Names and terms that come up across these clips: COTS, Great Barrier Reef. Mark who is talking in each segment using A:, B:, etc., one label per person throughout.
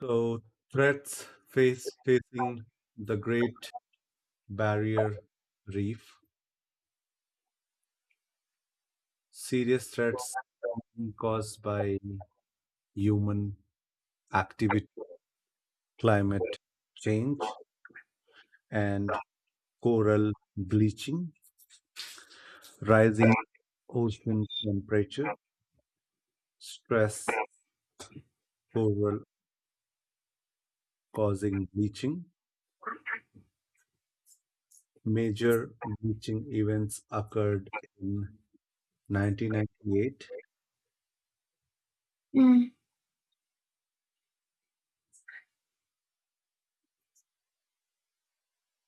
A: So threats face facing the Great Barrier Reef, serious threats caused by human activity, climate change, and coral bleaching, rising ocean temperature, stress coral causing bleaching. Major bleaching events occurred in 1998,
B: Mm.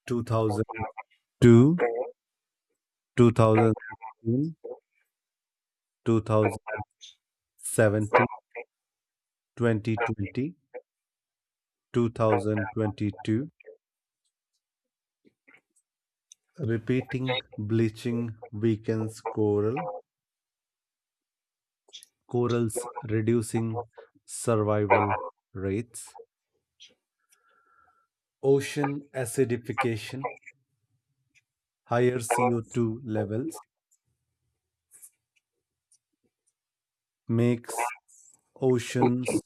A: 2002, 2016, 70 2020 20 20-two. Repeating bleaching weakens corals, reducing survival rates. Ocean acidification, higher CO2 levels makes oceans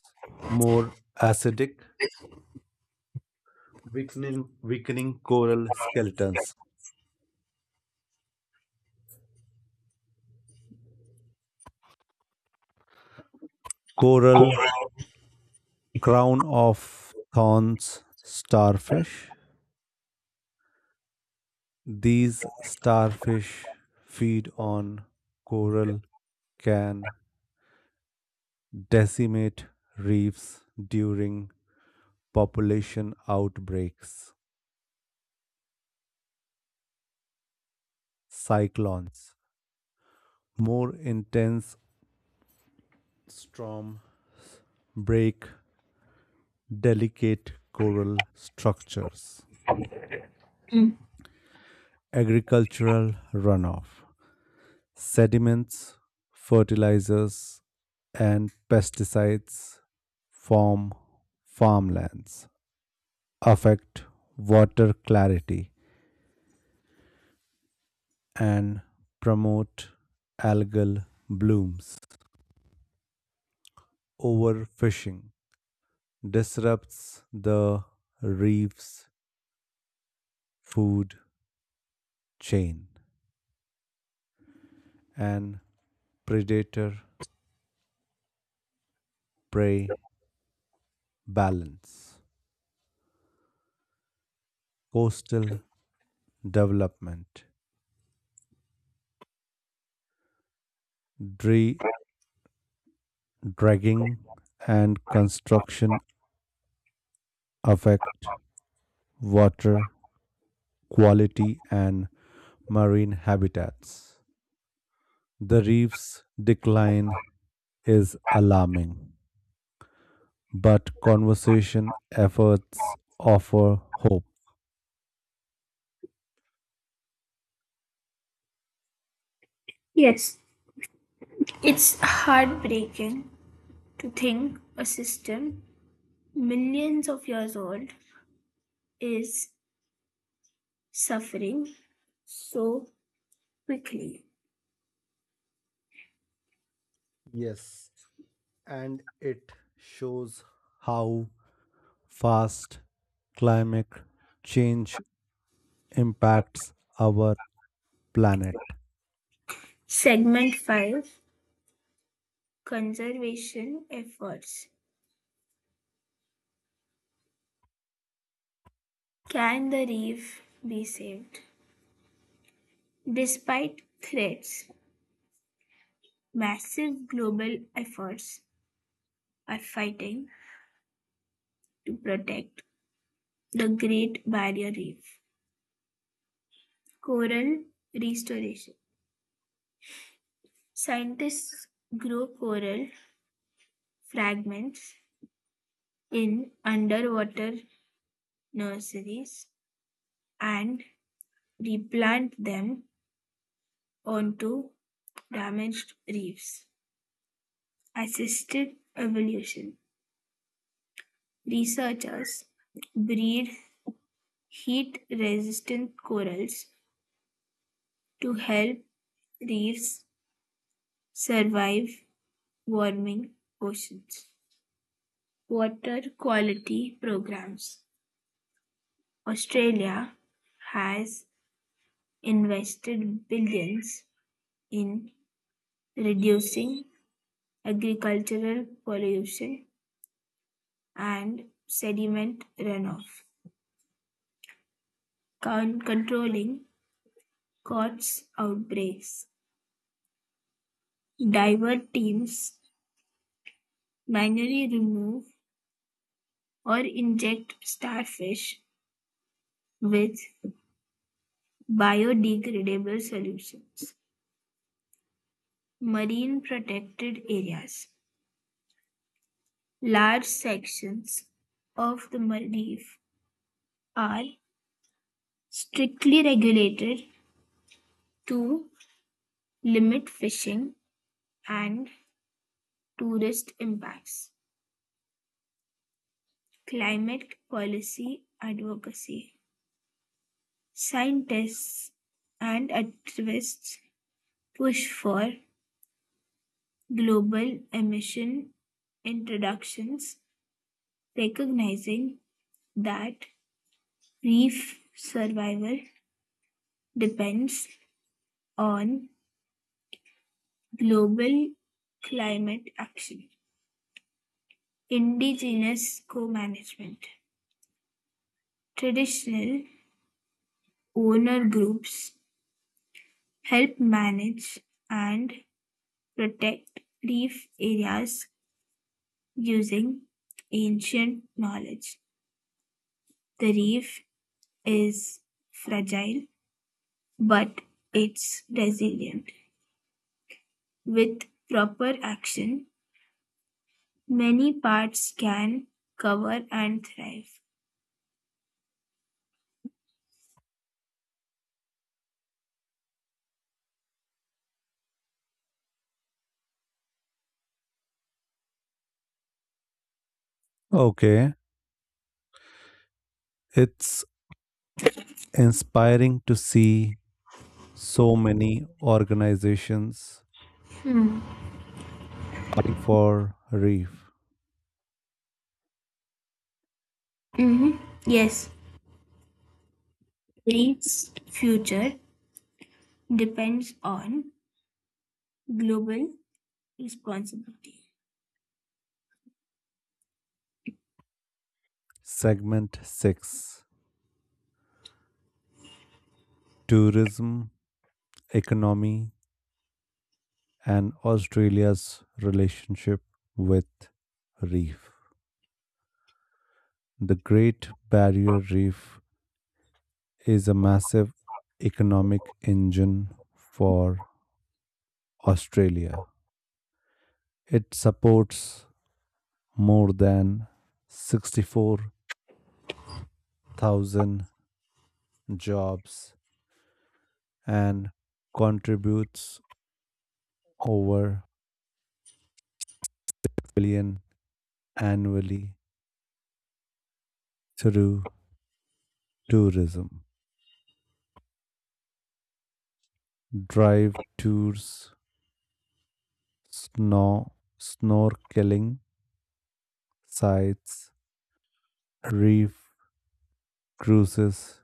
A: more acidic, weakening coral skeletons. Coral. Crown of thorns starfish. These starfish feed on coral, can decimate reefs during population outbreaks, cyclones, more intense storm break delicate coral structures, agricultural runoff, sediments, fertilizers, and pesticides form farmlands affect water clarity and promote algal blooms. Overfishing disrupts the reef's food chain and predator prey balance. Coastal development, dredging, dragging, and construction affect water quality and marine habitats. The reef's decline is alarming, but conservation efforts offer hope.
B: Yes, it's heartbreaking to think a system millions of years old is suffering so quickly.
A: Yes, and it shows how fast climate change impacts our planet.
B: Segment 5, Conservation Efforts. Can the reef be saved? Despite threats, massive global efforts are fighting to protect the Great Barrier Reef. Coral restoration. Scientists grow coral fragments in underwater nurseries and replant them onto damaged reefs. Assisted evolution. Researchers breed heat resistant corals to help reefs survive warming oceans. Water quality programs. Australia has invested billions in reducing agricultural pollution and sediment runoff, controlling COTS outbreaks. Divert teams manually remove or inject starfish with biodegradable solutions. Marine Protected Areas. Large sections of the reef are strictly regulated to limit fishing and tourist impacts. Climate policy advocacy. Scientists and activists push for global emission introductions, recognizing that reef survival depends on global climate action. Indigenous co management. Traditional owner groups help manage and protect reef areas using ancient knowledge. The reef is fragile, but it's resilient. With proper action, many parts can cover and thrive.
A: Okay, it's inspiring to see so many organizations fighting for reef.
B: Mhm. Yes, Greece's future depends on global responsibility.
A: Segment 6. Tourism, Economy, and Australia's relationship with reef. The Great Barrier Reef is a massive economic engine for Australia. It supports more than 64,000 jobs and contributes over billion annually through tourism, drive tours, snow, snorkeling, sites, reef cruises,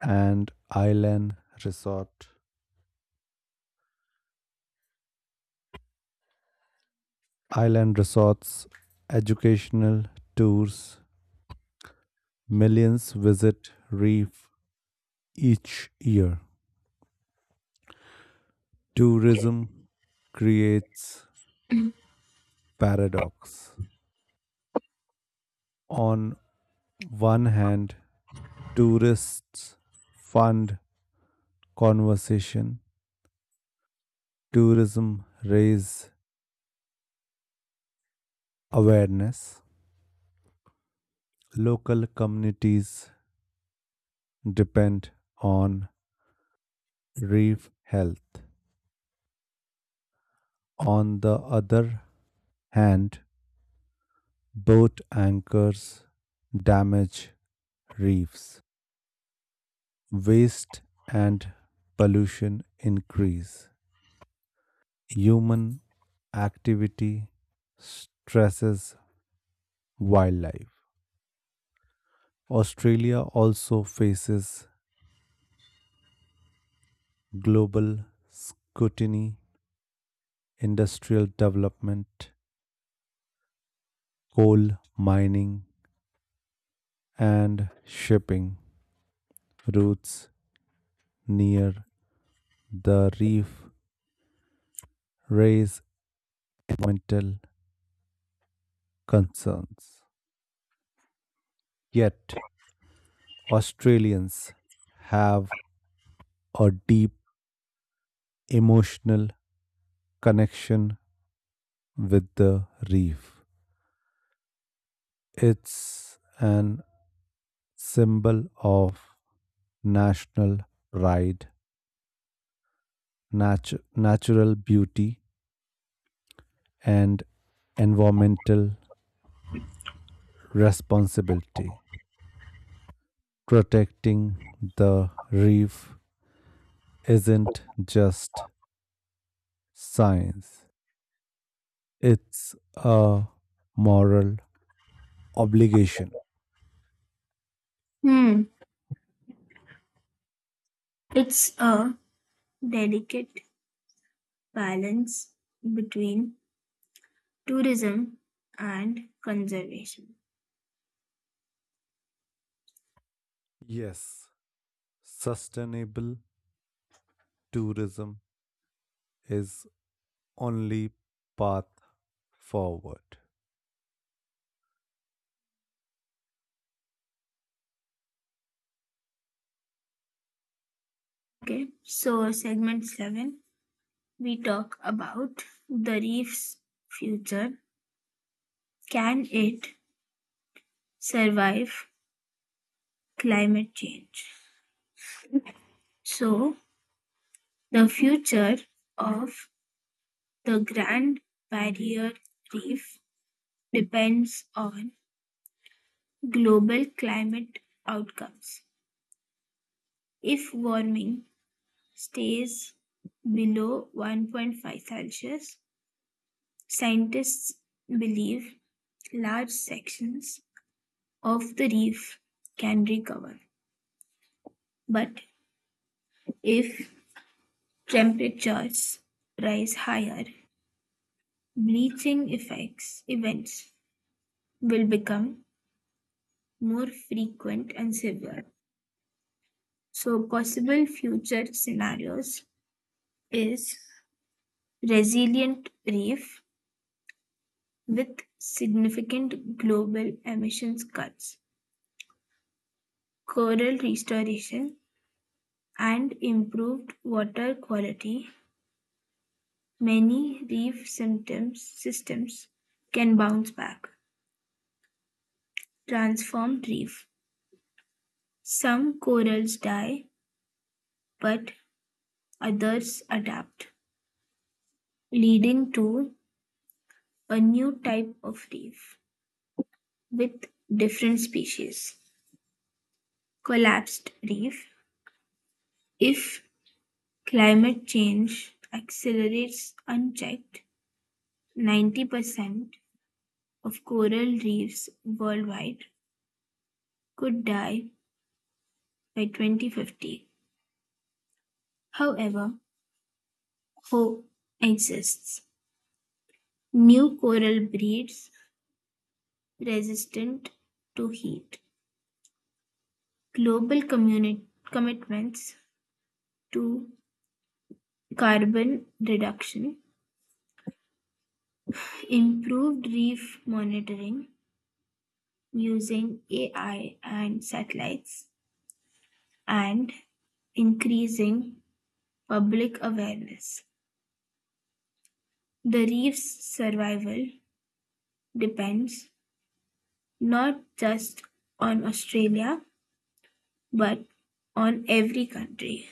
A: and resort. island resorts, educational tours. Millions visit reef each year. Tourism creates paradox. On one hand, tourists fund conversation, tourism raises awareness. Local communities depend on reef health. On the other hand, boat anchors damage reefs, waste and pollution increase, human activity stresses wildlife. Australia also faces global scrutiny, industrial development, coal mining, and shipping routes near the reef raise environmental concerns. Yet, Australians have a deep emotional connection with the reef. It's an symbol of national pride, natural beauty, and environmental responsibility. Protecting the reef isn't just science, it's a moral obligation.
B: Hmm. It's a delicate balance between tourism and conservation.
A: Yes, sustainable tourism is only path forward.
B: Okay, so segment seven, we talk about the reef's future. Can it survive climate change? So, the future of the Grand Barrier Reef depends on global climate outcomes. If warming stays below 1.5 Celsius, scientists believe large sections of the reef can recover. But if temperatures rise higher, bleaching effects events will become more frequent and severe. So possible future scenarios is: resilient reef with significant global emissions cuts, coral restoration, and improved water quality, many reef symptoms, systems can bounce back. Transformed reef. Some corals die, but others adapt, leading to a new type of reef with different species. Collapsed reef. If climate change accelerates unchecked, 90% of coral reefs worldwide could die by 2050. However, hope exists. New coral breeds resistant to heat. Global commitments to carbon reduction, improved reef monitoring using AI and satellites, and increasing public awareness. The reef's survival depends not just on Australia but on every country.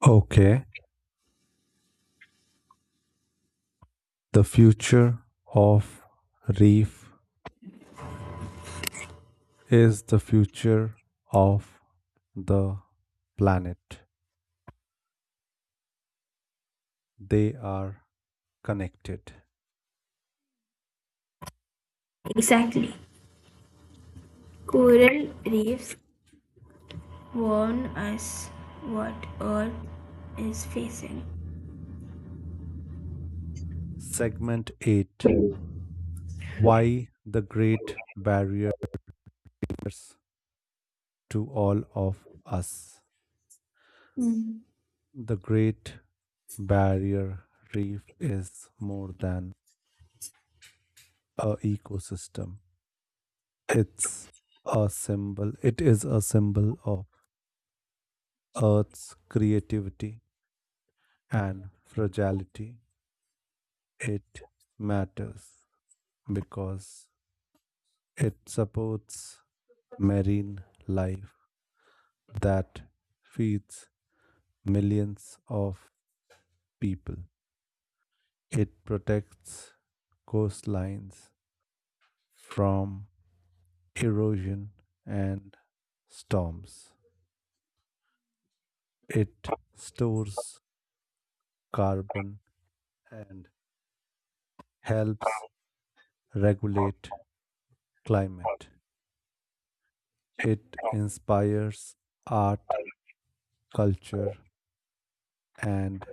A: Okay, the future of reef is the future of the planet. They are connected.
B: Exactly. Coral reefs warn us what Earth is facing.
A: Segment 8. Why the Great Barriers to All of Us.
B: Mm.
A: The Great Barrier Reef is more than a ecosystem. It's It is a symbol of Earth's creativity and fragility. It matters because it supports marine life that feeds millions of people. It protects coastlines from erosion, and storms. It stores carbon and helps regulate climate. It inspires art, culture, and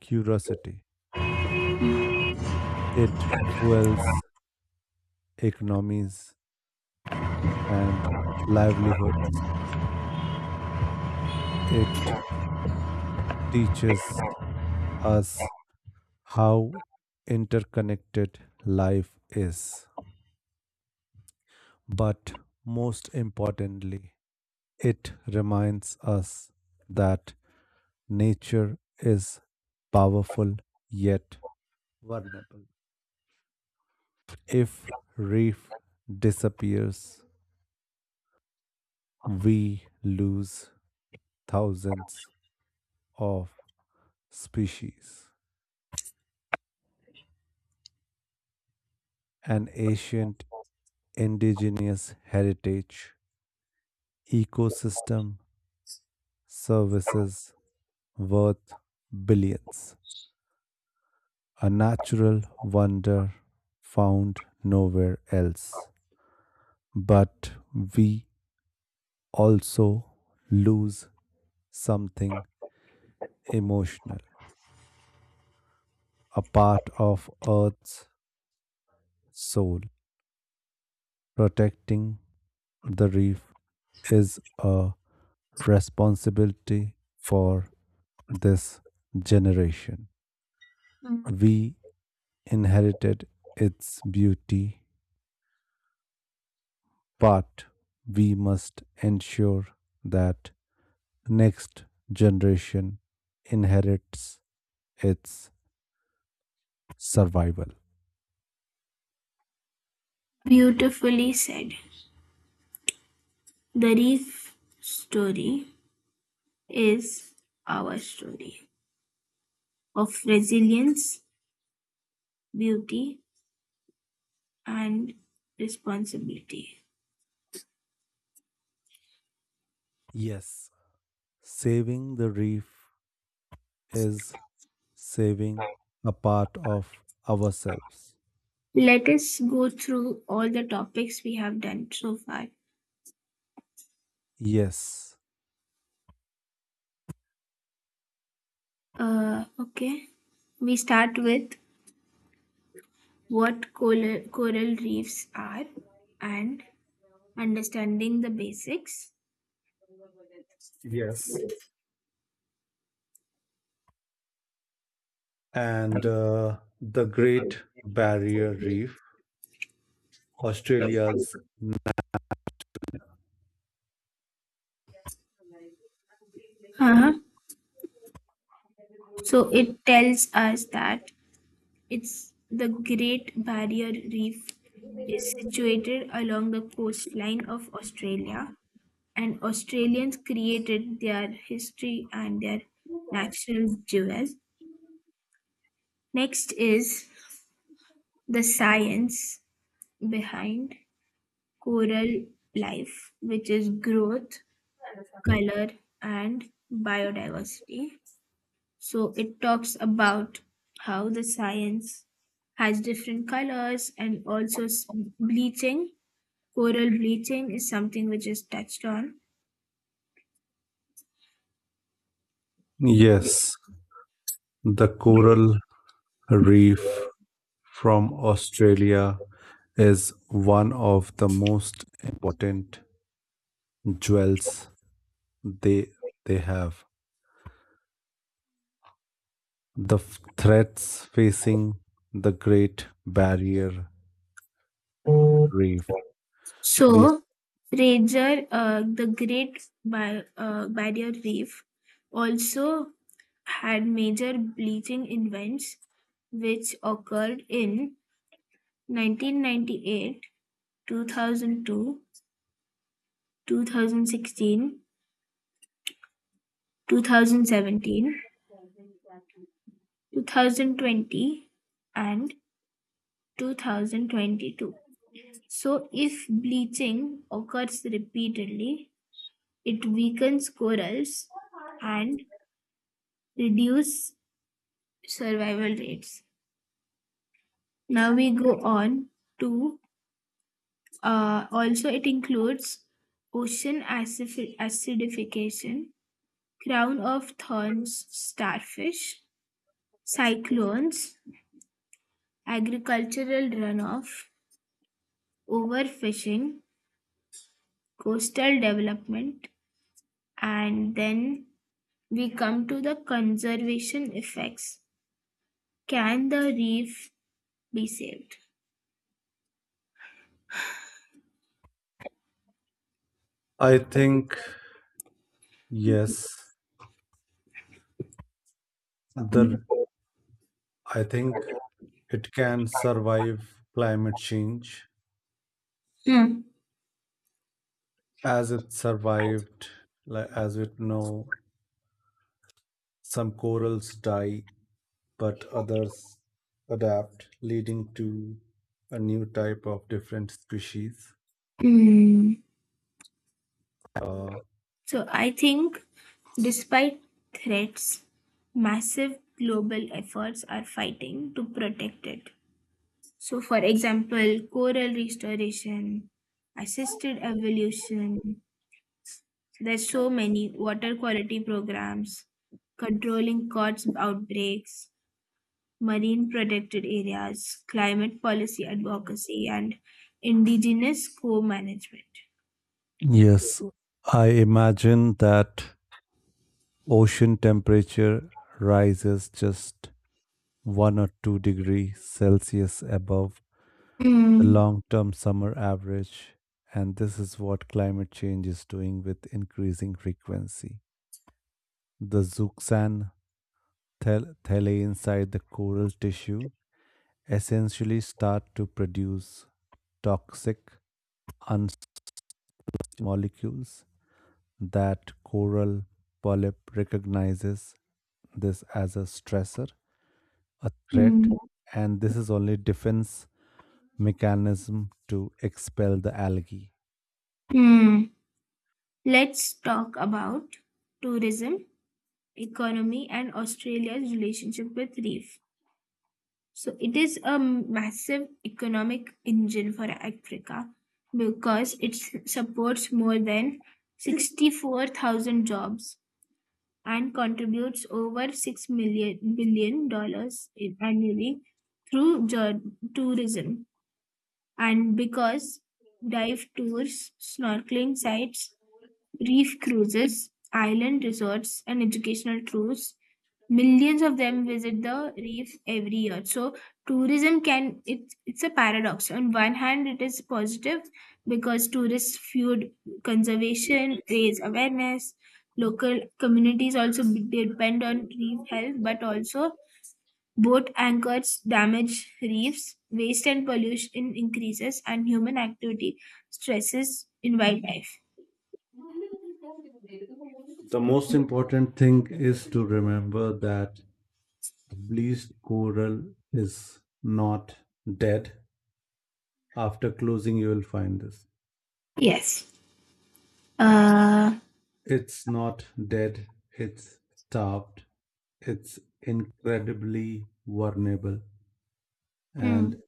A: curiosity. It fuels economies and livelihoods. It teaches us how interconnected life is. But most importantly, it reminds us that nature is powerful yet vulnerable. If reef disappears, we lose thousands of species. An ancient indigenous heritage ecosystem services worth billions. A natural wonder found nowhere else. But we also lose something emotional, a part of Earth's soul. Protecting the reef is a responsibility for this generation.
B: Mm.
A: We inherited its beauty, but we must ensure that next generation inherits its survival.
B: Beautifully said. The reef story is our story of resilience, beauty, and responsibility.
A: Yes, saving the reef is saving a part of ourselves.
B: Let us go through all the topics we have done so far.
A: Yes.
B: Okay, we start with what coral reefs are and understanding the basics.
A: Yes. And the Great Barrier Reef, Australia's.
B: Uh-huh. So it tells us that it's the Great Barrier Reef is situated along the coastline of Australia, and Australians created their history and their natural jewels. Next is the science behind coral life, which is growth, color, and biodiversity. So it talks about how the science has different colors and also bleaching. Coral bleaching is something which is touched on.
A: Yes. The coral reef from Australia is one of the most important jewels they they have. The threats facing the Great Barrier Reef. We
B: So, Fraser, the Barrier Reef also had major bleaching events which occurred in 1998, 2002, thousand two, 2016, 2017, 2020, and 2022. So, if bleaching occurs repeatedly, it weakens corals and reduce survival rates. Now we go on to also, it includes ocean acidification, crown of thorns, starfish, cyclones, agricultural runoff, overfishing, coastal development, and then we come to the conservation effects. Can the reef be saved?
A: I think yes, the I think it can survive climate change
B: Hmm.
A: as it survived, like as we know some corals die but others adapt, leading to a new type of different species.
B: Hmm.
A: Uh,
B: So I think despite threats, massive global efforts are fighting to protect it. So, for example, coral restoration, assisted evolution, there's so many water quality programs, controlling cod outbreaks, marine protected areas, climate policy advocacy, and indigenous co management.
A: yes, I imagine that ocean temperature rises just 1 or 2 degrees Celsius above the
B: Mm,
A: long term summer average, and this is what climate change is doing with increasing frequency. The thalate inside the coral tissue essentially start to produce toxic unstable molecules that coral polyp recognizes this as a stressor, a threat,
B: mm,
A: and this is only defense mechanism to expel the algae.
B: mm. Let's talk about tourism, economy, and Australia's relationship with reef. So, it is a massive economic engine for Africa because it supports more than 64,000 jobs and contributes over $6 million billion annually through tourism. And because dive tours, snorkeling sites, reef cruises, island resorts, and educational tours. Millions of them visit the reef every year. So tourism it's a paradox. On one hand, it is positive because tourists fuel conservation, raise awareness. Local communities also depend on reef health, but also boat anchors damage reefs, waste and pollution increases, and human activity stresses in wildlife.
A: The most important thing is to remember that the bleached coral is not dead. After closing, you will find this.
B: Yes. Uh,
A: It's not dead, it's starved, it's incredibly vulnerable, and
B: hmm.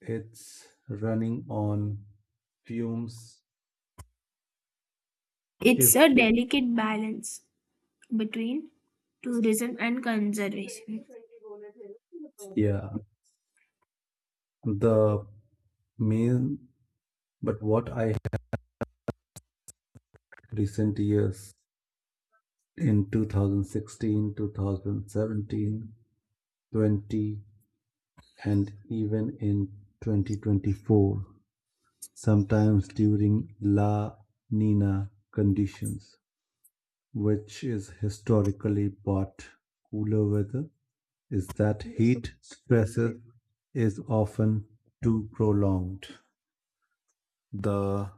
A: it's running on fumes. If,
B: It's a delicate balance between tourism and conservation.
A: yeah, the main, but what I recent years in 2016, 2017, 20, and even in 2024, sometimes during La Nina conditions, which is historically but cooler weather, is that heat stresses is often too prolonged. The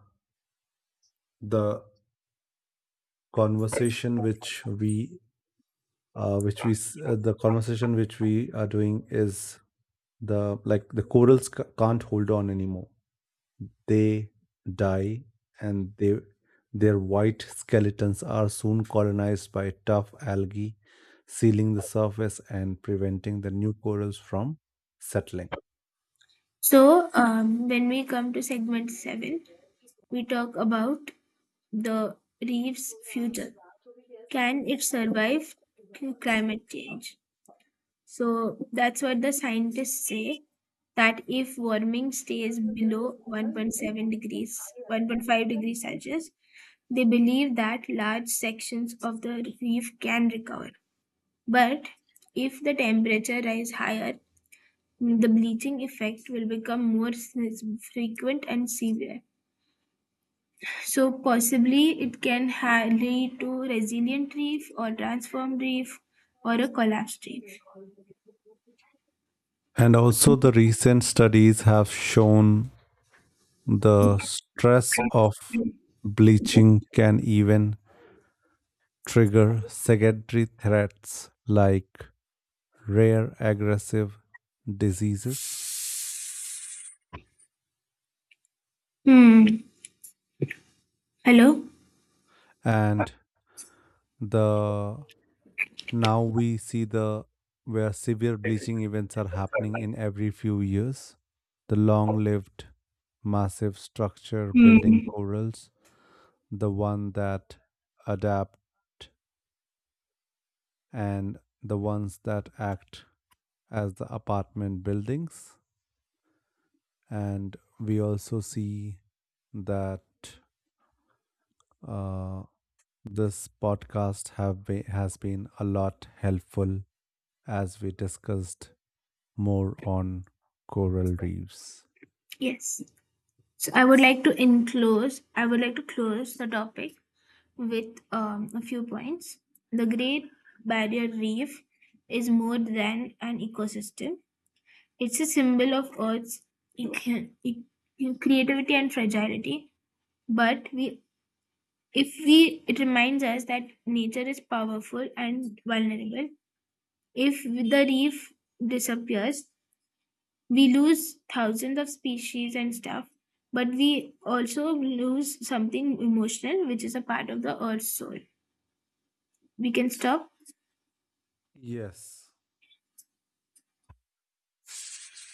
A: the conversation uh, which we which we are doing is the, like the corals can't hold on anymore, they die and they their white skeletons are soon colonized by tough algae, sealing the surface and preventing the new corals from settling.
B: So, when we come to segment seven, we talk about the reef's future. Can it survive climate change? So, that's what the scientists say that if warming stays below 1.7 degrees, 1.5 degrees Celsius, they believe that large sections of the reef can recover. But if the temperature rise higher, the bleaching effect will become more frequent and severe. So possibly it can lead to resilient reef or transformed reef or a collapsed reef.
A: And also the recent studies have shown the stress of bleaching can even trigger secondary threats like rare aggressive diseases.
B: Hmm. Hello.
A: And the now we see the where severe bleaching events are happening in every few years, the long-lived massive structure building
B: Hmm.
A: corals, the one that adapt and the ones that act as the apartment buildings. And we also see that uh, this podcast has been a lot helpful as we discussed more on coral reefs.
B: Yes. So I would like to enclose. I would like to close the topic with a few points. The Great Barrier Reef is more than an ecosystem, it's a symbol of Earth's e- e- creativity and fragility. But we, if we, it reminds us that nature is powerful and vulnerable. If the reef disappears, we lose thousands of species and stuff, but we also lose something emotional, which is a part of the Earth's soul. We can stop
A: Yes.